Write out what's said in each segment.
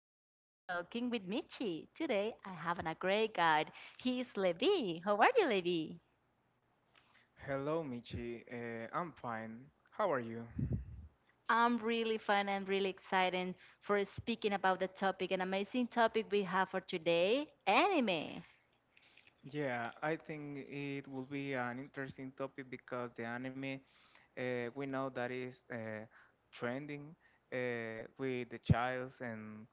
podcast Talking with Michi. Today I have a great guide. He's Levi. How are you, Levi? Hello, Michi. I'm fine. How are you? I'm really fun and really excited for speaking about the topic, an amazing topic we have for today, anime. Yeah, I think it will be an interesting topic because the anime, we know that is trending with the childs and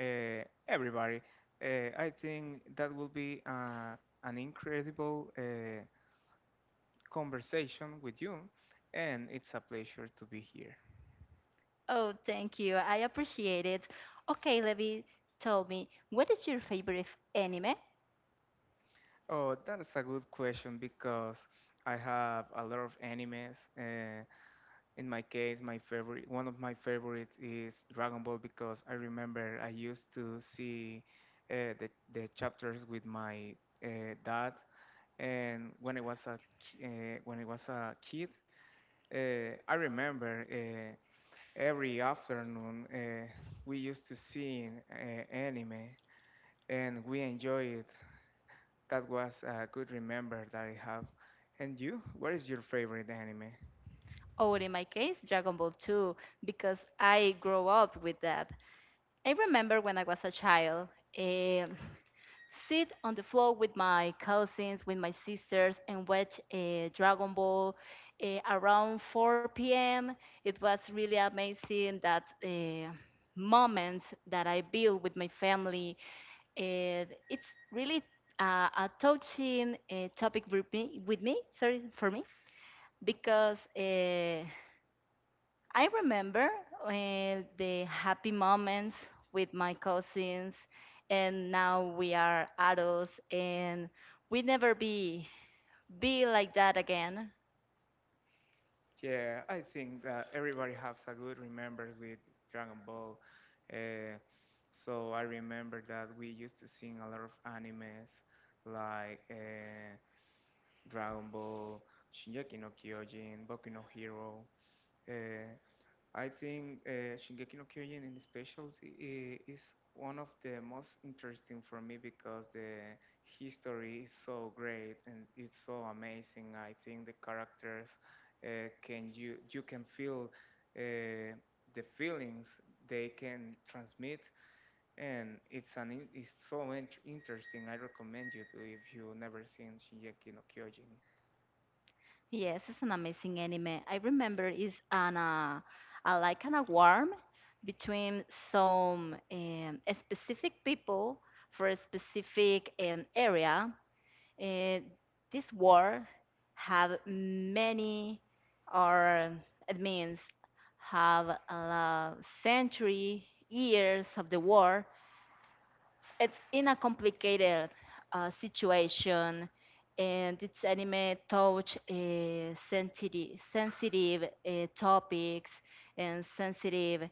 everybody. I think that will be an incredible conversation with you, and it's a pleasure to be here. Oh, thank you. I appreciate it. Okay, Levi, tell me, what is your favorite anime? Oh, that is a good question because I have a lot of animes. In my case, my favorite, one of my favorites is Dragon Ball because I remember I used to see the chapters with my dad, and when I was a when I was a kid, I remember every afternoon we used to see anime, and we enjoy it. That was a good remember that I have. And you, what is your favorite anime? Or in my case, Dragon Ball 2, because I grow up with that. I remember when I was a child, um, sit on the floor with my cousins, with my sisters, and watch Dragon Ball around 4 p.m. It was really amazing that moment that I built with my family. And it's really a touching topic with me, sorry, for me, because. I remember the happy moments with my cousins, and now we are adults, and we never be like that again. Yeah, I think that everybody has a good remembrance with Dragon Ball. Uh, so I remember that we used to sing a lot of animes like Dragon Ball, Shingeki no Kyojin, Boku no Hero. Uh, I think Shingeki no Kyojin in special is one of the most interesting for me because the history is so great and it's so amazing. I think the characters can you you can feel uh, the feelings they can transmit, and it's an it's so interesting. I recommend you to if you never seen Shingeki no Kyojin. Yes, it's an amazing anime. I remember it's an a, like an a warm between some specific people for a specific area. Eh, this war have many, or it means have a century years of the war. It's in a complicated situation, and its anime touch sensitive sensitive topics and sensitive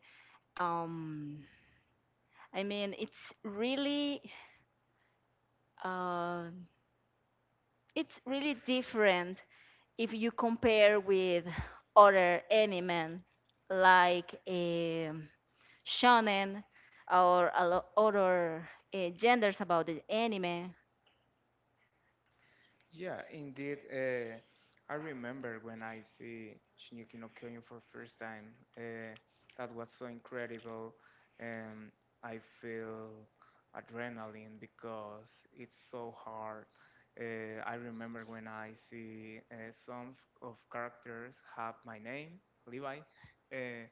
um, I mean, really uh, it's really different if you compare with other anime like shonen or a other genders about the anime. Yeah, indeed. I remember when I see Shingeki no Kyojin for first time. That was so incredible, and I feel adrenaline because it's so hard. I remember when I see some of characters have my name, Levi. Uh,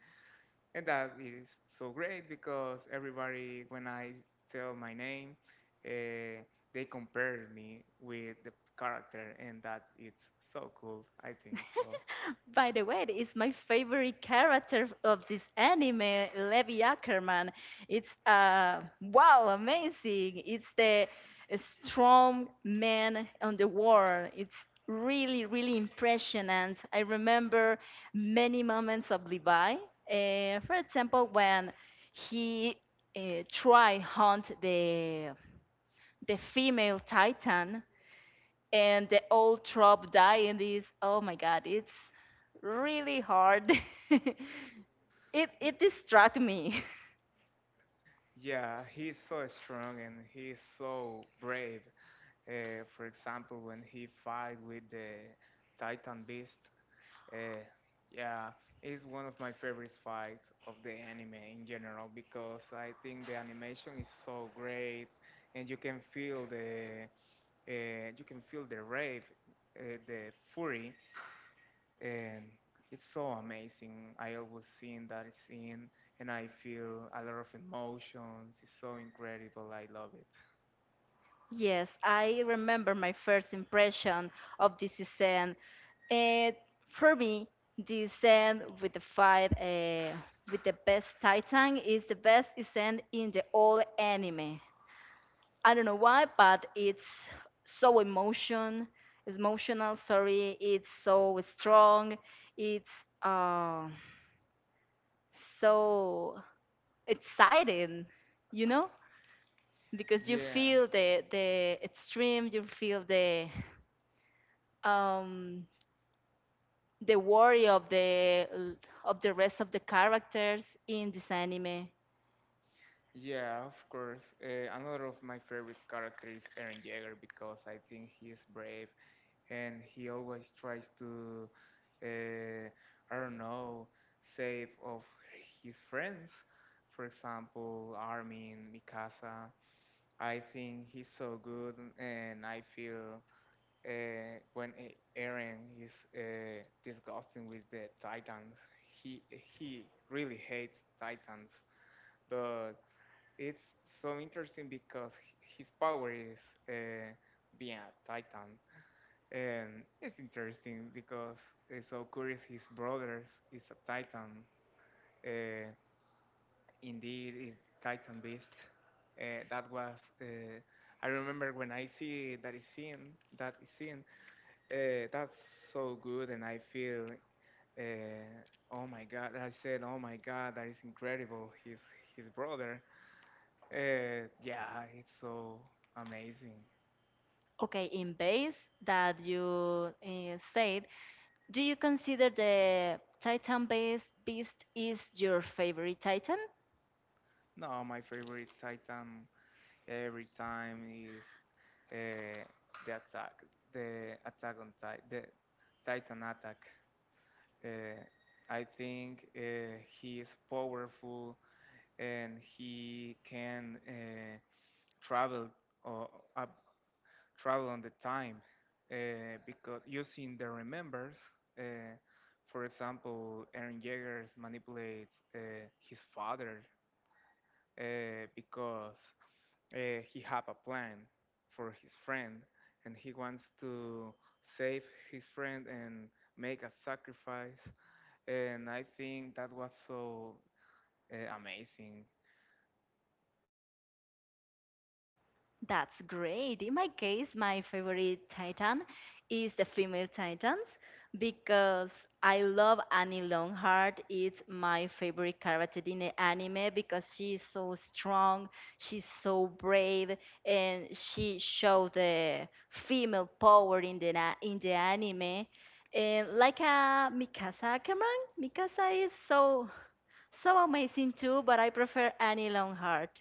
and that is so great because everybody, when I tell my name, uh, they compare me with the character, and that it's so cool, I think so. By the way, it's my favorite character of this anime, Levi Ackerman. It's uh, wow, amazing. It's the strong man on the world. It's really, really impressionant. I remember many moments of Levi. For example, when he try hunt the female titan and the old trope dying, is, oh my god, it's really hard. It distracts me. Yeah, he's so strong and he's so brave. For example, when he fight with the Titan Beast, uh, yeah, it's one of my favorite fights of the anime in general because I think the animation is so great and you can feel the you can feel the rave, the fury, and it's so amazing. I always seen that scene, and I feel a lot of emotions. It's so incredible. I love it. Yes, I remember my first impression of this scene, and for me, this scene with the fight with the best titan is the best scene in the whole anime. I don't know why, but it's so emotional. Sorry, it's so strong. It's uh, so exciting, you know, because you Yeah, feel the extreme. You feel um, the worry of the rest of the characters in this anime. yeah, of course. Another of my favorite character is Eren Jaeger because I think he is brave and he always tries to, uh, I don't know, save of his friends. For example, Armin, Mikasa. I think he's so good, and I feel when Aaron is disgusting with the Titans, he really hates Titans. But it's so interesting because his power is uh, being a Titan, and it's interesting because it's so curious. His brothers is a Titan. Uh, Indeed, it's Titan Beast. That was. I remember when I see that is seen. That is seen. That's so good, and I feel. Uh, oh my God! I said, oh my God, that is incredible. His brother. Yeah, it's so amazing. Okay, in base that you said, do you consider the Titan base beast is your favorite Titan? No, my favorite Titan every time is uh, the attack, the attack on Titan, the Titan attack. Uh, I think he is powerful and he can travel or uh, travel on the time uh, because using the remembers, uh, for example, Aaron Jaggers manipulates his father because he have a plan for his friend and he wants to save his friend and make a sacrifice and I think that was so amazing. That's great. In my case, my favorite Titan is the female Titans because I love Annie Longheart. It's my favorite character in the anime because she is so strong, she's so brave, and she showed the female power in the in the anime. And like a Mikasa Cameron, Mikasa is so amazing too, but I prefer Annie Longheart.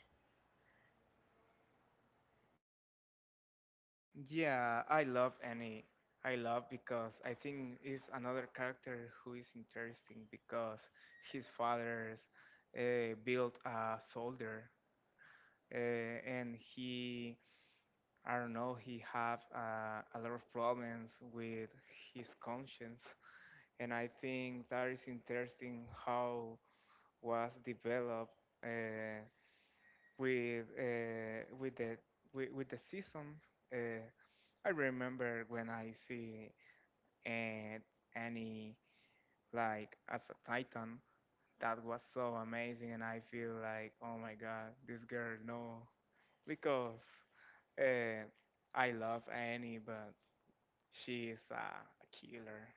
Yeah, I love Annie. I love because I think is another character who is interesting because his father's built a soldier uh, and he I don't know he have a lot of problems with his conscience and I think that is interesting how was developed. Uh, with uh, with the with the season. Uh, I remember when I see uh, Annie like as a Titan that was so amazing, and I feel like oh my god, this girl no, because uh, I love Annie, but she is a killer.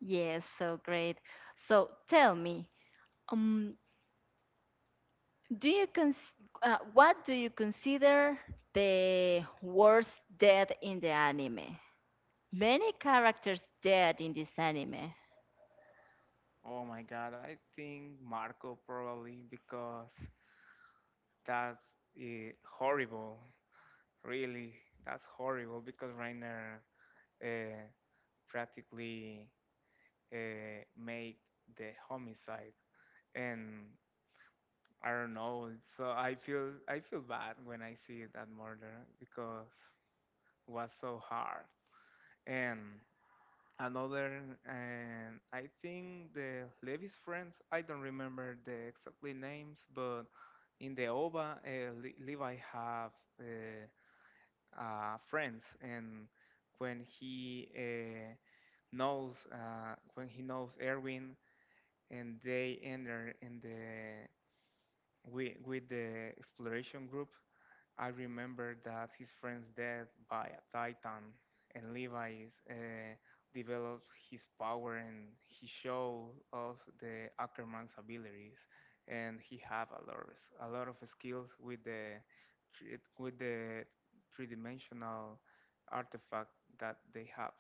Yes, so great. So tell me, um, do you cons what do you consider the worst death in the anime? Many characters dead in this anime. Oh my god, I think Marco probably because that's uh, horrible. Really, that's horrible because Rainer uh, practically made the homicide. And I don't know. So I feel bad when I see that murder because it was so hard. And another, and I think the Levi's friends. I don't remember the exactly names, but in the OVA, Levi have uh, friends, and when he knows when he knows Erwin and they enter in the with the exploration group. I remember that his friend's death by a titan and Levi's develops his power and he shows us the Ackerman's abilities and he have a lot of, a lot of skills with the three- with the three dimensional artifact that they have.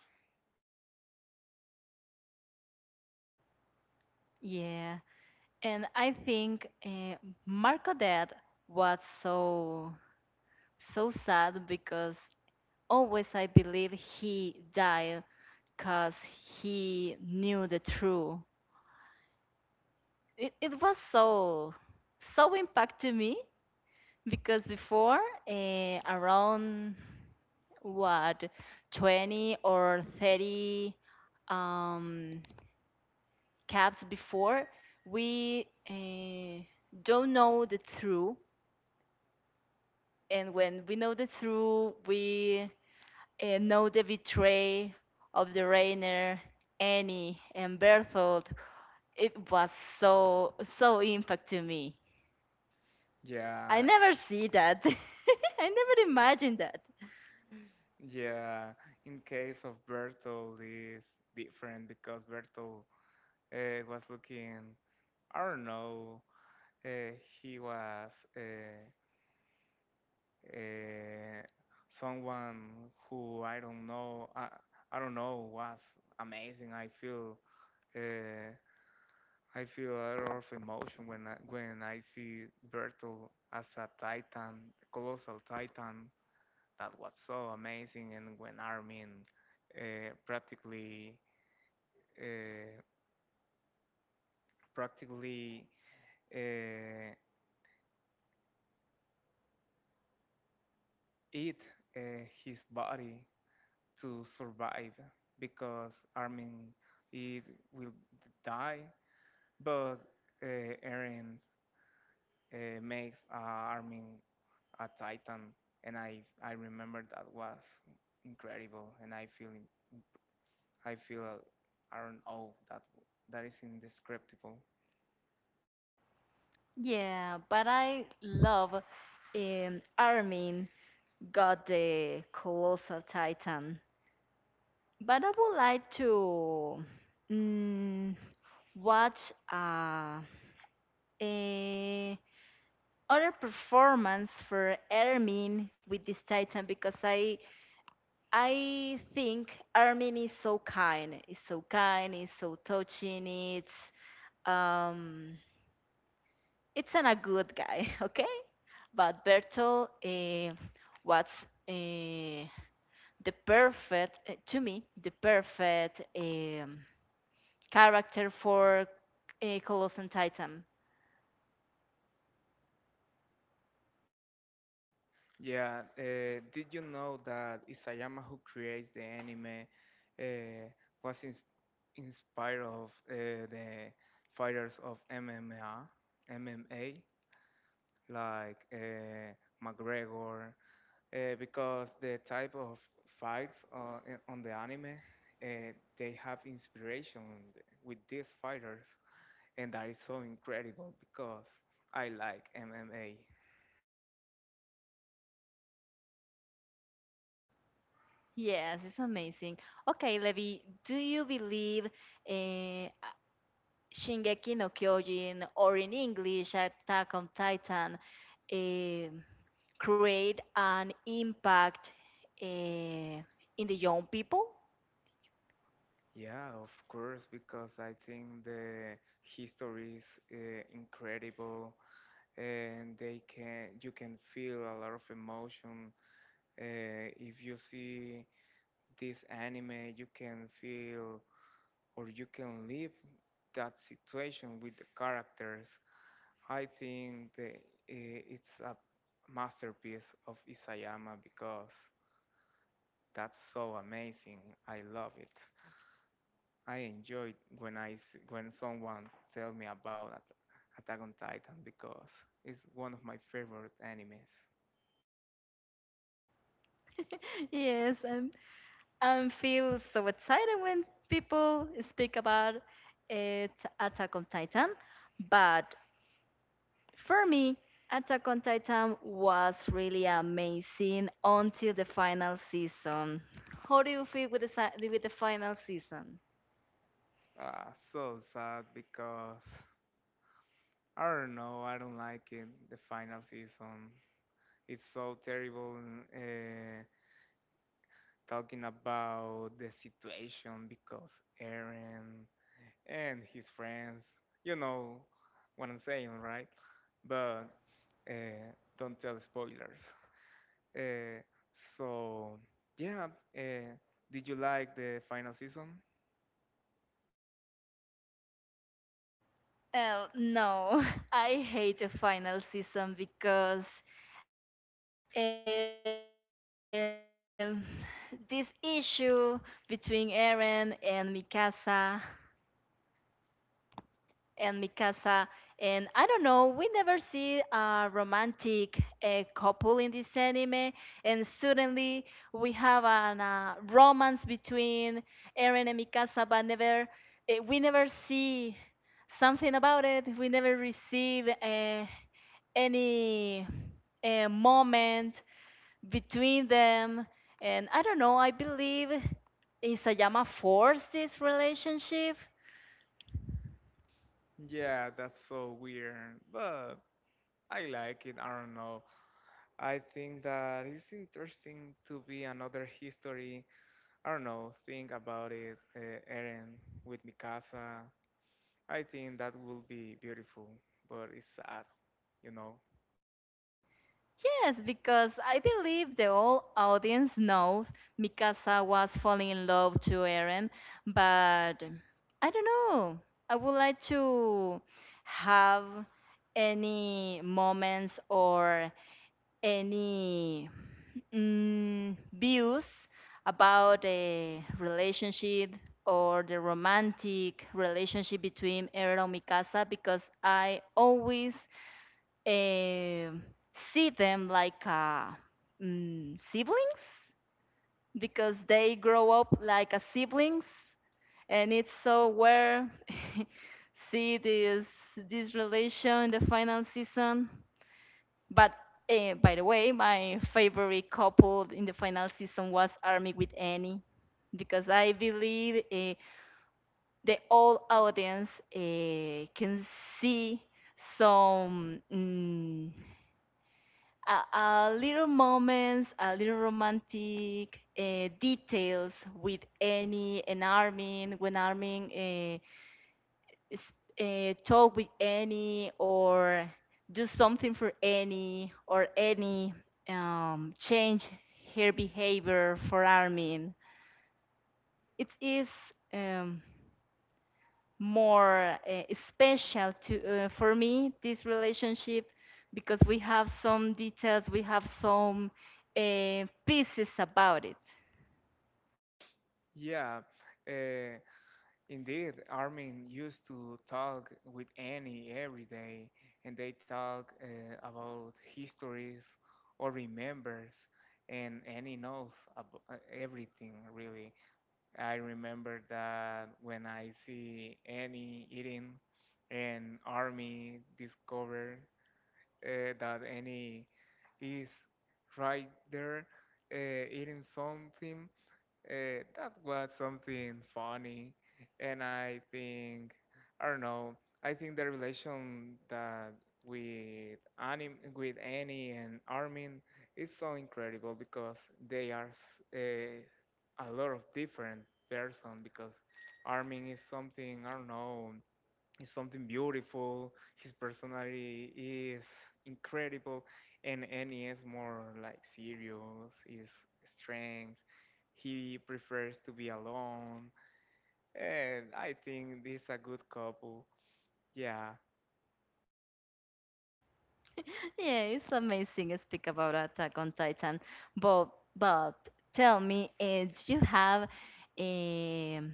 Yeah, and I think Marco death was so sad because always I believe he died because he knew the truth. It was so impact to me. Because before, around what 20 or 30 um, caps before, we don't know the truth. And when we know the truth, we know the betray of the Rainer, Annie, and Berthold. It was so, so impact to me. I Yeah, never see that. I never imagined that. Yeah, in case of Bertolt is different because Bertolt was looking, I don't know, uh, he was uh, uh, someone who I don't know, I don't know, was amazing. I feel uh, I feel a lot of emotion when when I see Bertolt as a titan, colossal titan that was so amazing, and when Armin uh, practically uh, practically uh, eat his body to survive because Armin it will die, but Eren makes Armin a titan, and I remember that was incredible, and I feel I don't know that is indescribable. Yeah, but I love Armin got the Colossal Titan. But I would like to mm, watch a other performance for Armin with this Titan because I think Armin is so kind. It's so kind. It's so touching. It's um, it's an a good guy, okay? But Bertolt was uh, the perfect, to me, the perfect character for Coloss and Titan. Yeah, did you know that Isayama, who creates the anime, uh, was inspired of the fighters of MMA, MMA, like McGregor, because the type of fights on the anime, uh, they have inspiration with these fighters, and that is so incredible because I like MMA. Yes, it's amazing. Okay, Levi, do you believe Shingeki no Kyojin, or in English, Attack on Titan, um create an impact uh, in the young people? Yeah, of course, because I think the history is incredible, and they can you can feel a lot of emotion. If you see this anime, you can feel or you can live that situation with the characters. I think the, it's a masterpiece of Isayama because that's so amazing. I love it. I enjoyed when when someone tell me about Attack on Titan because it's one of my favorite animes. Yes, and feel so excited when people speak about it, Attack on Titan. But for me, Attack on Titan was really amazing until the final season. How do you feel with the with the final season? So sad because I don't know. I don't like it. The final season, it's so terrible. Uh, talking about the situation because Eren and his friends, you know what I'm saying, right? But don't tell spoilers. Uh, so yeah, uh, did you like the final season? Oh no, I hate the final season because um, this issue between Eren and Mikasa. And I don't know, we never see a romantic couple in this anime, and suddenly we have a romance between Eren and Mikasa, but never, eh, we never see something about it. We never receive any moment between them. And I don't know, I believe Isayama forced this relationship. Yeah, that's so weird, but I like it. I don't know. I think that it's interesting to be another history. I don't know. Think about it, Eren with Mikasa. I think that will be beautiful, but it's sad, you know. Yes, because I believe the whole audience knows Mikasa was falling in love to Eren, but I don't know. I would like to have any moments or any views about a relationship or the romantic relationship between Eren and Mikasa because I always eh, see them like siblings because they grow up like a siblings, and it's so where see this relation in the final season. But by the way, my favorite couple in the final season was Army with Annie because I believe the all audience can see some. Mm A little moments, a little romantic details with Annie and Armin when Armin is, talk with Annie or do something for Annie or Annie change her behavior for Armin. It is um, more special to for me this relationship because we have some details, we have some pieces about it. Yeah. Uh, Indeed, Armin used to talk with Annie every day, and they talk about histories or remembers, and Annie knows everything really. I remember that when I see Annie eating, and Armin discover that Annie is right there uh, eating something, that was something funny, and I think I don't know. I think the relation that with Annie and Armin is so incredible because they are a lot of different person. Because Armin is something I don't know is something beautiful. His personality is incredible, and Annie is more like serious. His strength. He prefers to be alone, and I think this is a good couple. Yeah, Yeah, it's amazing. To speak about Attack on Titan, but but tell me, do you have um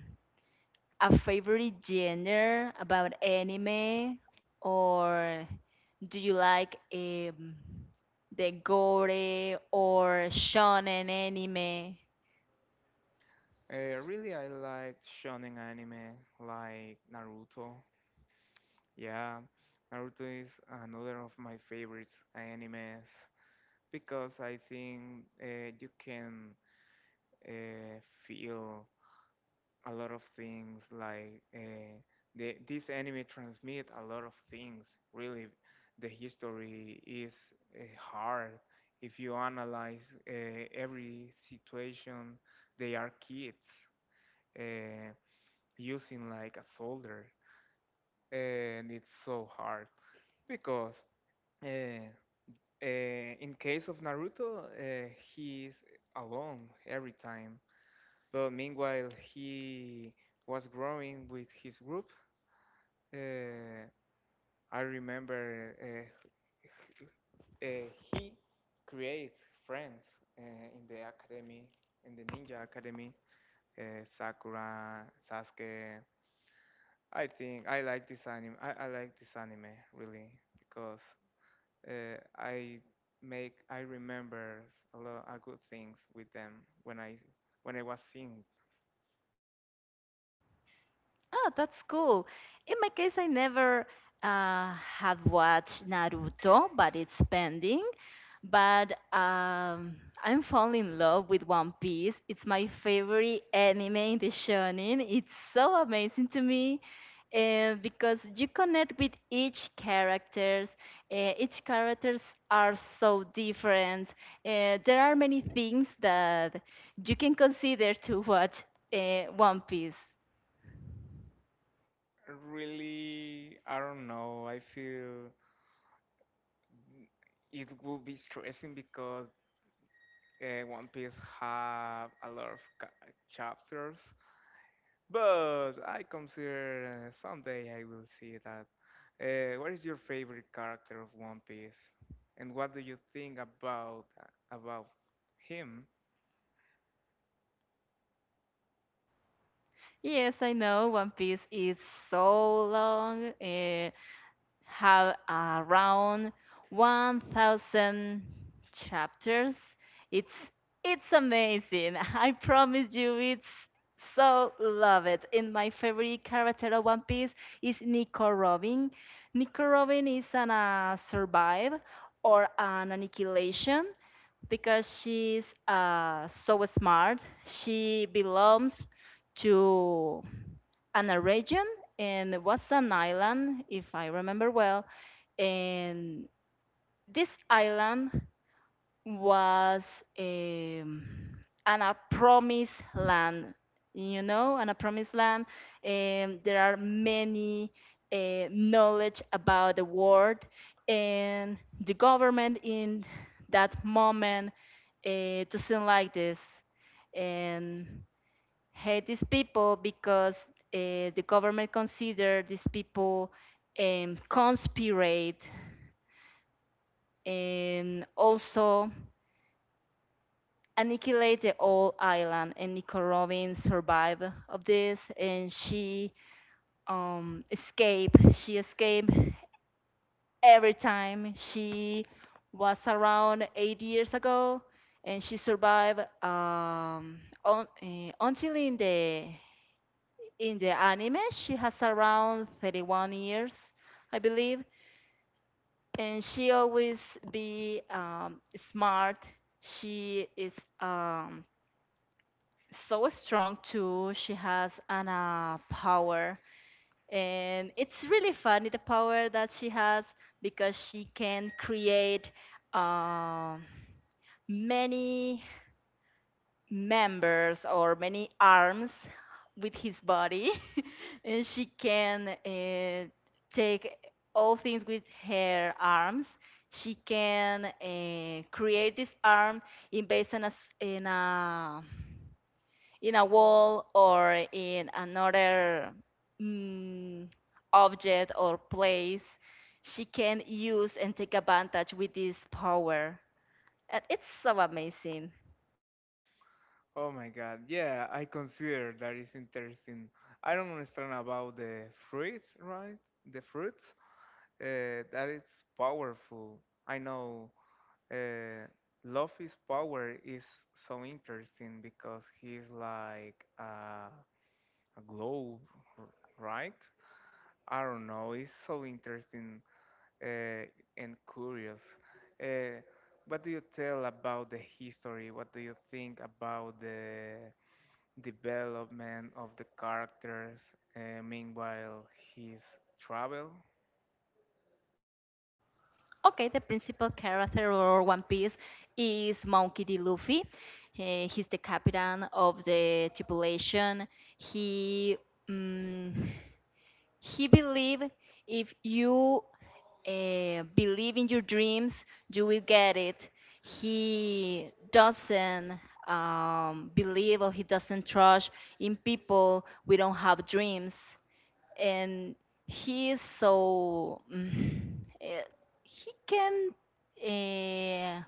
a favorite genre about anime, or do you like the gore or shonen anime? Really I like shonen anime like Naruto. Yeah, Naruto is another of my favorite animes because I think you can uh, feel a lot of things like the this anime transmit a lot of things really the history is hard if you analyze every situation they are kids uh, using like a soldier and it's so hard because uh, in case of Naruto he is alone every time but meanwhile he was growing with his group Uh, I remember uh, he creates friends uh, in the academy, in the Ninja Academy. Sakura, Sasuke. I think I like this anime. I like this anime really because uh, I I remember a lot of good things with them when I when I was seeing. Oh, that's cool. In my case, I never had watched Naruto, but it's pending. But I'm falling in love with One Piece. It's my favorite anime in the shonen. It's so amazing to me. Because you connect with each characters are so different. There are many things that you can consider to watch One Piece. Really, I don't know. I feel it will be stressing because One Piece have a lot of chapters, but I consider someday I will see that. What is your favorite character of One Piece, and what do you think about him? Yes, I know One Piece is so long. Eh, have around 1000 chapters. It's it's amazing. I promise you, it's so love it. And my favorite character of One Piece is Nico Robin. Nico Robin is an survive or an annihilation because she's so smart. She belongs to an region, and it was an island, if I remember well. And this island was um, an a promised land, you know. And a promised land, there are many knowledge about the world, and the government in that moment doesn't like this and hate these people because the government consider these people conspirate and also annihilate the whole island, and Nicorovin survived of this, and she escaped. She escaped every time. She was around 8 years ago, and she survived on, until in the anime. She has around 31 years, I believe, and she always be smart. She is um, so strong too. She has an power, and it's really funny the power that she has because she can create um many members or many arms with his body, and she can take all things with her arms. She can create this arm in based on a, in a wall or in another mm, object or place, she can use and take advantage with this power. And it's so amazing. Oh my God, yeah, I consider that is interesting. I don't understand about the fruits, right? The fruits, that is powerful. I know Uh, Love is Power is so interesting because he's like a globe, r- right? I don't know. It's so interesting uh, and curious. Uh, what do you tell about the history? What do you think about the development of the characters? Meanwhile, his travel. Okay, the principal character of One Piece is Monkey D. Luffy. Eh, he's the captain of the tripulation. He mm, he believed if you believe in your dreams, you will get it. He doesn't believe or he doesn't trust in people we don't have dreams. And he is so. Mm, eh, he can. Uh,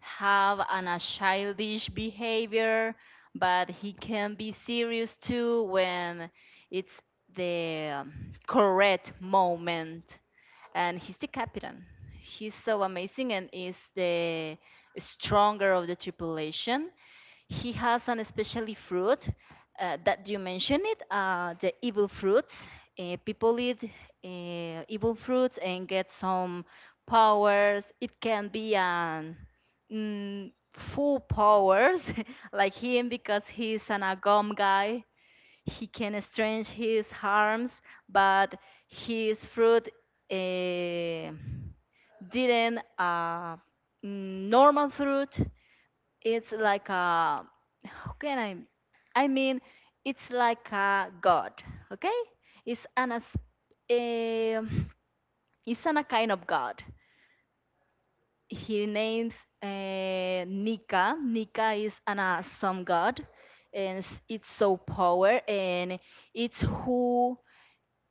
have an, a childish behavior, but he can be serious too when it's the correct moment. And he's the captain. He's so amazing and is the stronger of the tripulation. He has an especially fruit that you mentioned it, the evil fruits. People eat evil fruits and get some powers. It can be an full powers like him because he's an agom guy. He can estrange his harms, but his fruit eh, didn't normal fruit. It's like a how can I mean, it's like a god, okay? It's an as a, it's an a kind of god. He names Nika. Nika is an awesome god, and it's so power, and it's who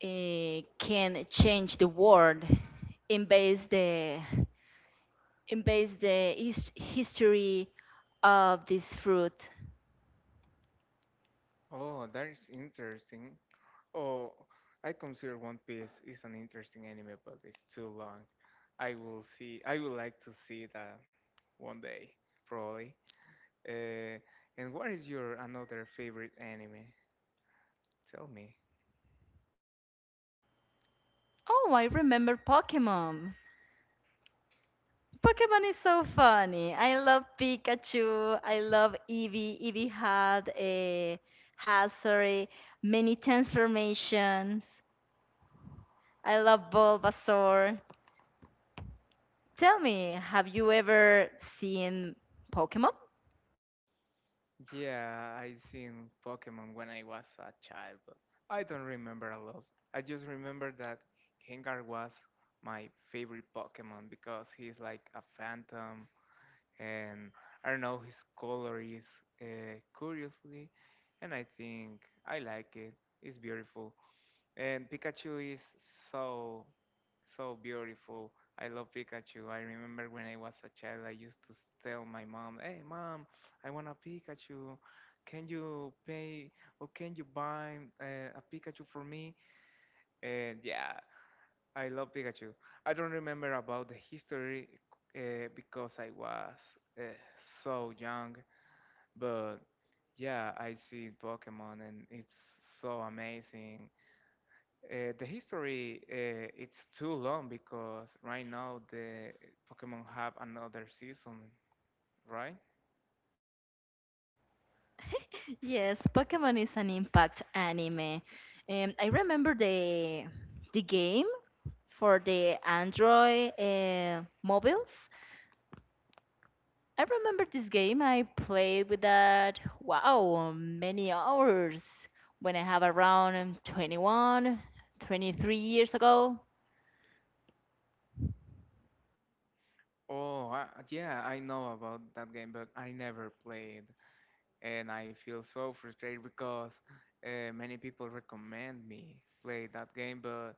can change the world, in base the in base the history of this fruit. Oh, that is interesting. Oh, I consider One Piece is an interesting anime, but it's too long. I will see. I would like to see that one day, probably. Uh, and what is your another favorite anime? Tell me. Oh, I remember Pokemon. Pokemon is so funny. I love Pikachu. I love Eevee. Eevee had a has sorry many transformations. I love Bulbasaur. Tell me, have you ever seen Pokemon? Yeah, I seen Pokemon when I was a child, but I don't remember a lot. I just remember that Gengar was my favorite Pokemon because he's like a phantom and I don't know his color is curiously, and I think I like it. It's beautiful, and Pikachu is so so beautiful. I love Pikachu. I remember when I was a child, I used to tell my mom, "Hey, mom, I want a Pikachu. Can you pay or can you buy a Pikachu for me?" And yeah, I love Pikachu. I don't remember about the history because I was uh, so young, but yeah, I see Pokemon and it's so amazing. The history, it's too long because right now the Pokemon have another season, right? Yes, Pokemon is an impact anime. I remember the game for the Android mobiles. I remember this game I played with that, wow, many hours when I have around 21, 23 years ago. Oh, yeah, I know about that game, but I never played, and I feel so frustrated because many people recommend me play that game, but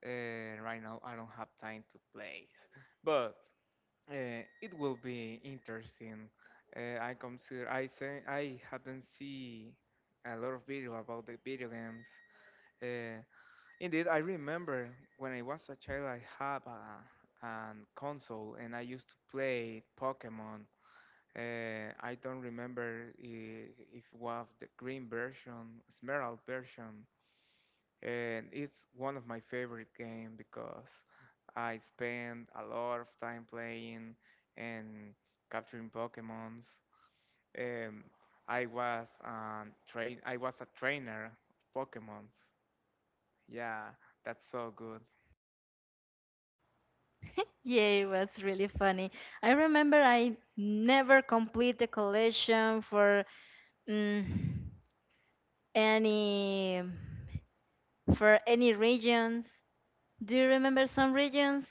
Right now, I don't have time to play, but it will be interesting. I consider I say I haven't seen a lot of video about the video games. Uh, Indeed, I remember when I was a child, I had a console and I used to play Pokemon. I don't remember if it was the green version, Emerald version, and it's one of my favorite games because I spend a lot of time playing and capturing Pokemons. Um, I was a trainer of Pokemons. Yeah, that's so good. Yeah, it was really funny. I remember I never complete the collection for mm, any for any regions. Do you remember some regions?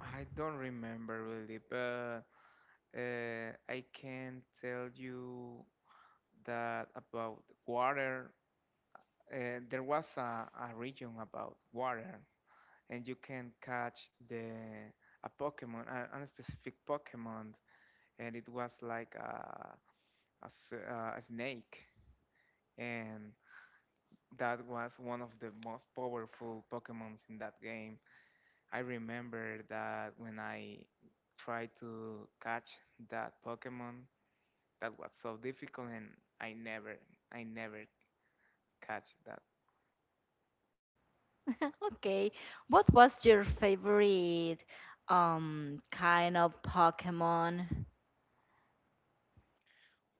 I don't remember really, but I can tell you that about water. There was a region about water and you can catch the a Pokemon, a specific Pokemon, and it was like a snake, and that was one of the most powerful Pokemons in that game. I remember that when I tried to catch that Pokemon, that was so difficult, and I never, I never catch that. Okay. What was your favorite kind of Pokemon?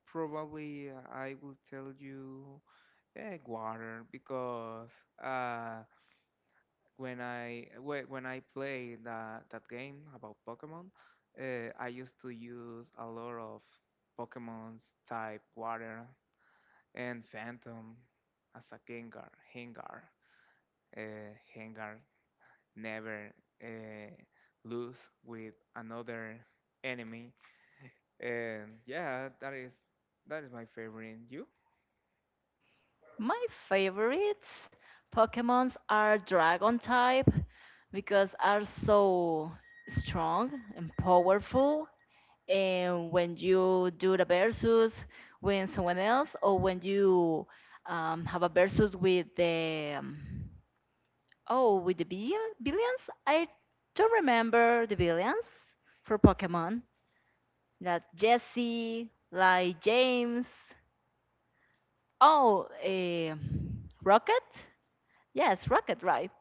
Probably, I will tell you water because uh, when I when I play that game about Pokemon, I used to use a lot of Pokemon's type Water and Phantom as a Gengar, Hengar never uh, lose with another enemy, and yeah, that is my favorite. You? My favorites Pokemons are Dragon type because are so strong and powerful. And when you do the versus with someone else, or when you have a versus with the oh, with the billion, billions, I don't remember the billions for Pokemon. That Jesse, like James. Oh, eh, Rocket. Yes, Rocket Ride.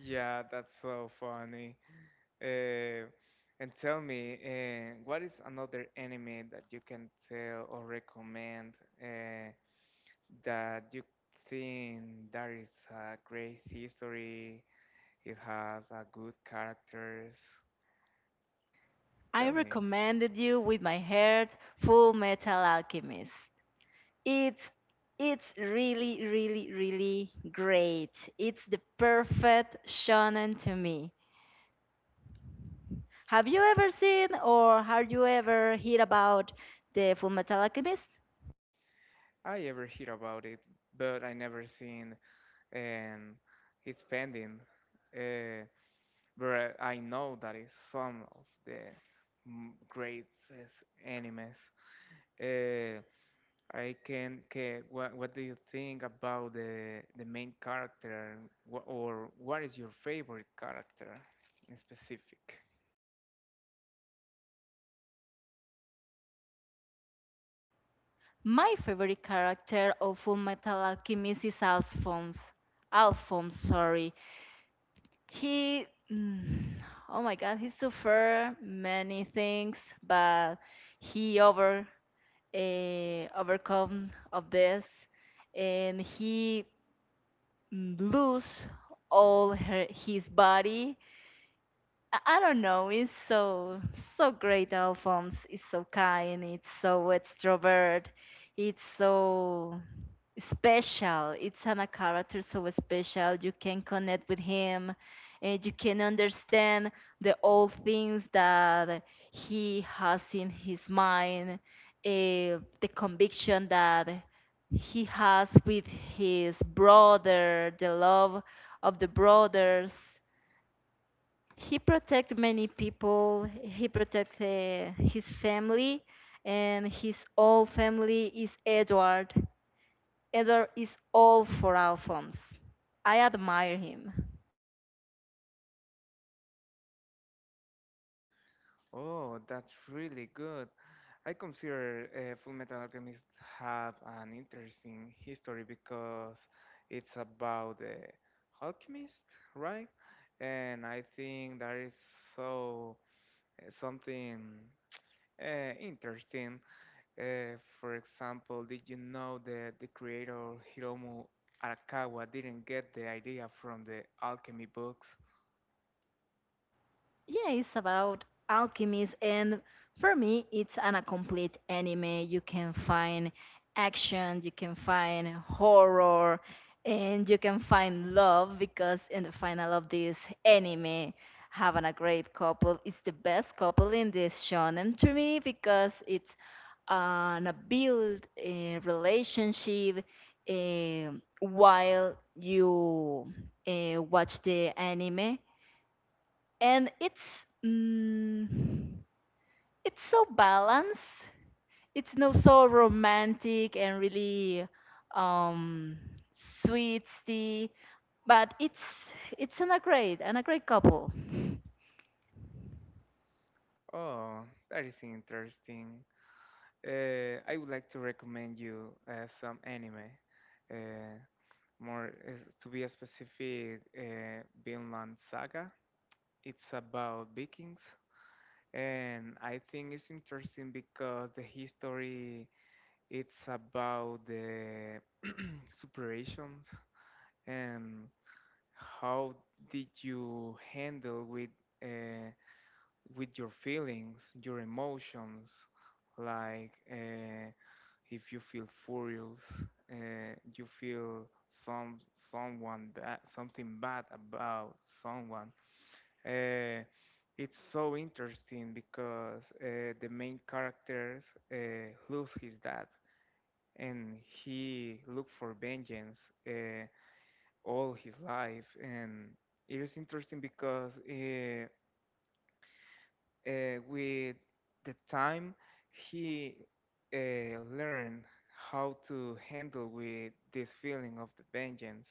Yeah, that's so funny. Uh, and tell me, what is another anime that you can tell or recommend uh, that you think that is a great history? It has a good characters. I Tell me. recommended you with my heart, Full Metal Alchemist. It's it's really, really, really great. It's the perfect shonen to me. Have you ever seen or have you ever heard about the Full Metal Alchemist? I ever hear about it, but I never seen and it's pending. Uh, but I know that is some of the greatest animes. Uh, I can what do you think about the main character what is your favorite character in specific? My favorite character of Full Metal Alchemist is Alphonse. Alphonse, sorry. He, mm, oh my God, he suffered many things, but he overcome of this, and he mm, lose all her, his body, I don't know. It's so great. Alphonse is so kind. It's so extrovert. It's so special. It's an, a character so special. You can connect with him, and you can understand the old things that he has in his mind, eh, the conviction that he has with his brother, the love of the brothers. He protect many people. He protect his family, and his whole family is Edward. Edward is all for our Alphonse. I admire him. Oh, that's really good. I consider Full Metal Alchemist have an interesting history because it's about the alchemist, right? And I think that is so something interesting. For example, did you know that the creator Hiromu Arakawa didn't get the idea from the alchemy books? Yeah, it's about alchemies, and for me, it's an a complete anime. You can find action, you can find horror, and you can find love because in the final of this anime, having a great couple is the best couple in this shonen to me because it's an a build a relationship while you watch the anime, and it's mm, it's so balanced. It's not so romantic and really um, sweet, but it's an a great and a great couple. Oh, that is interesting. I would like to recommend you some anime. Uh, More to be specific, Vinland Saga. It's about Vikings, and I think it's interesting because the history it's about the superations and how did you handle uh, with your feelings, your emotions, like if you feel furious, you feel some someone bad, something bad about someone. Uh, it's so interesting because the main character lose his dad and he look for vengeance. Uh, all his life, and it is interesting because with the time he learned how to handle with this feeling of the vengeance,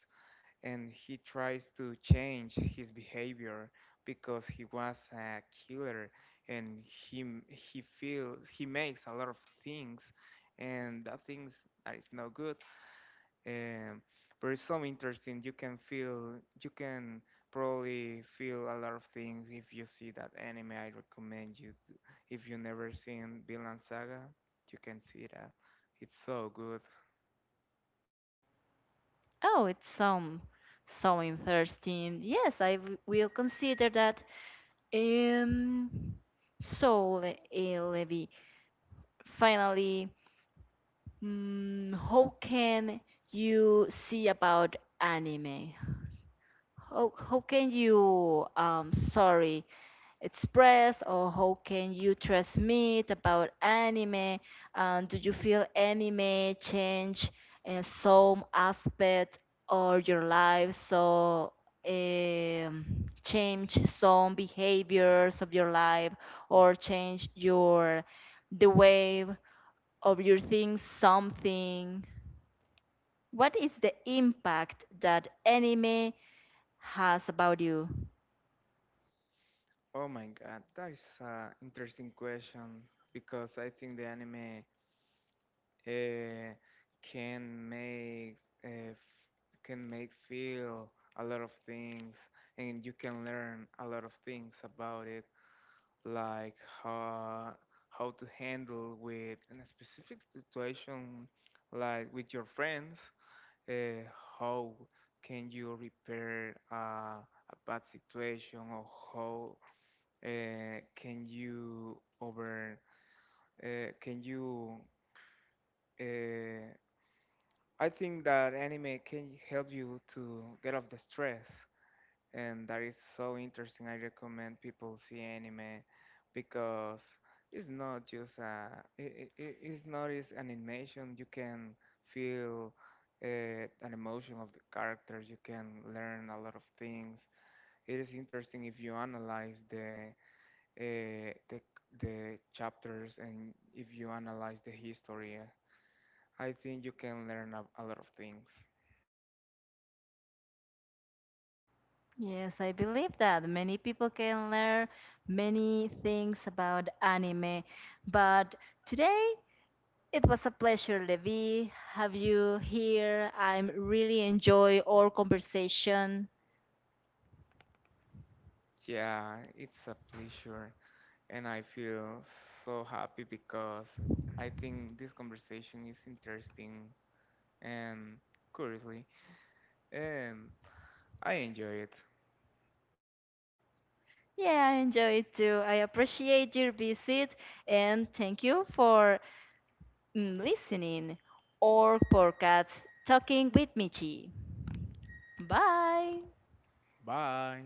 and he tries to change his behavior because he was a killer and he feels he makes a lot of things and that things that is no good um, but it's so interesting. You can feel, you can probably feel a lot of things if you see that anime. I recommend you, if you never seen Vinland Saga, you can see that. It's so good. Oh, it's um, so interesting. Yes, will consider that. Um, so Levi, finally, how can you see about anime? How can you um, sorry express, or how can you transmit about anime, and do you feel anime change in some aspect of your life, so um, change some behaviors of your life or change your the way of your things, something? What is the impact that anime has about you? Oh my God, that is an interesting question because I think the anime uh, can make uh, f- can make feel a lot of things, and you can learn a lot of things about it. Like how how to handle with a specific situation, like with your friends uh, how can you repair a bad situation, or how can you uh, can you uh, I think that anime can help you to get off the stress, and that is so interesting. I recommend people see anime because it's not just it's not just an animation. You can feel uh, an emotion of the characters. You can learn a lot of things. It is interesting if you analyze the uh, the chapters and if you analyze the history. I think you can learn a lot of things. Yes, I believe that many people can learn many things about anime. But today it was a pleasure, Levi, have you here. I'm really enjoy our conversation. Yeah, it's a pleasure. And I feel so happy because I think this conversation is interesting and curiously, and I enjoy it. Yeah, I enjoy it too. I appreciate your visit, and thank you for listening or podcast Talking with Michi. Bye. Bye.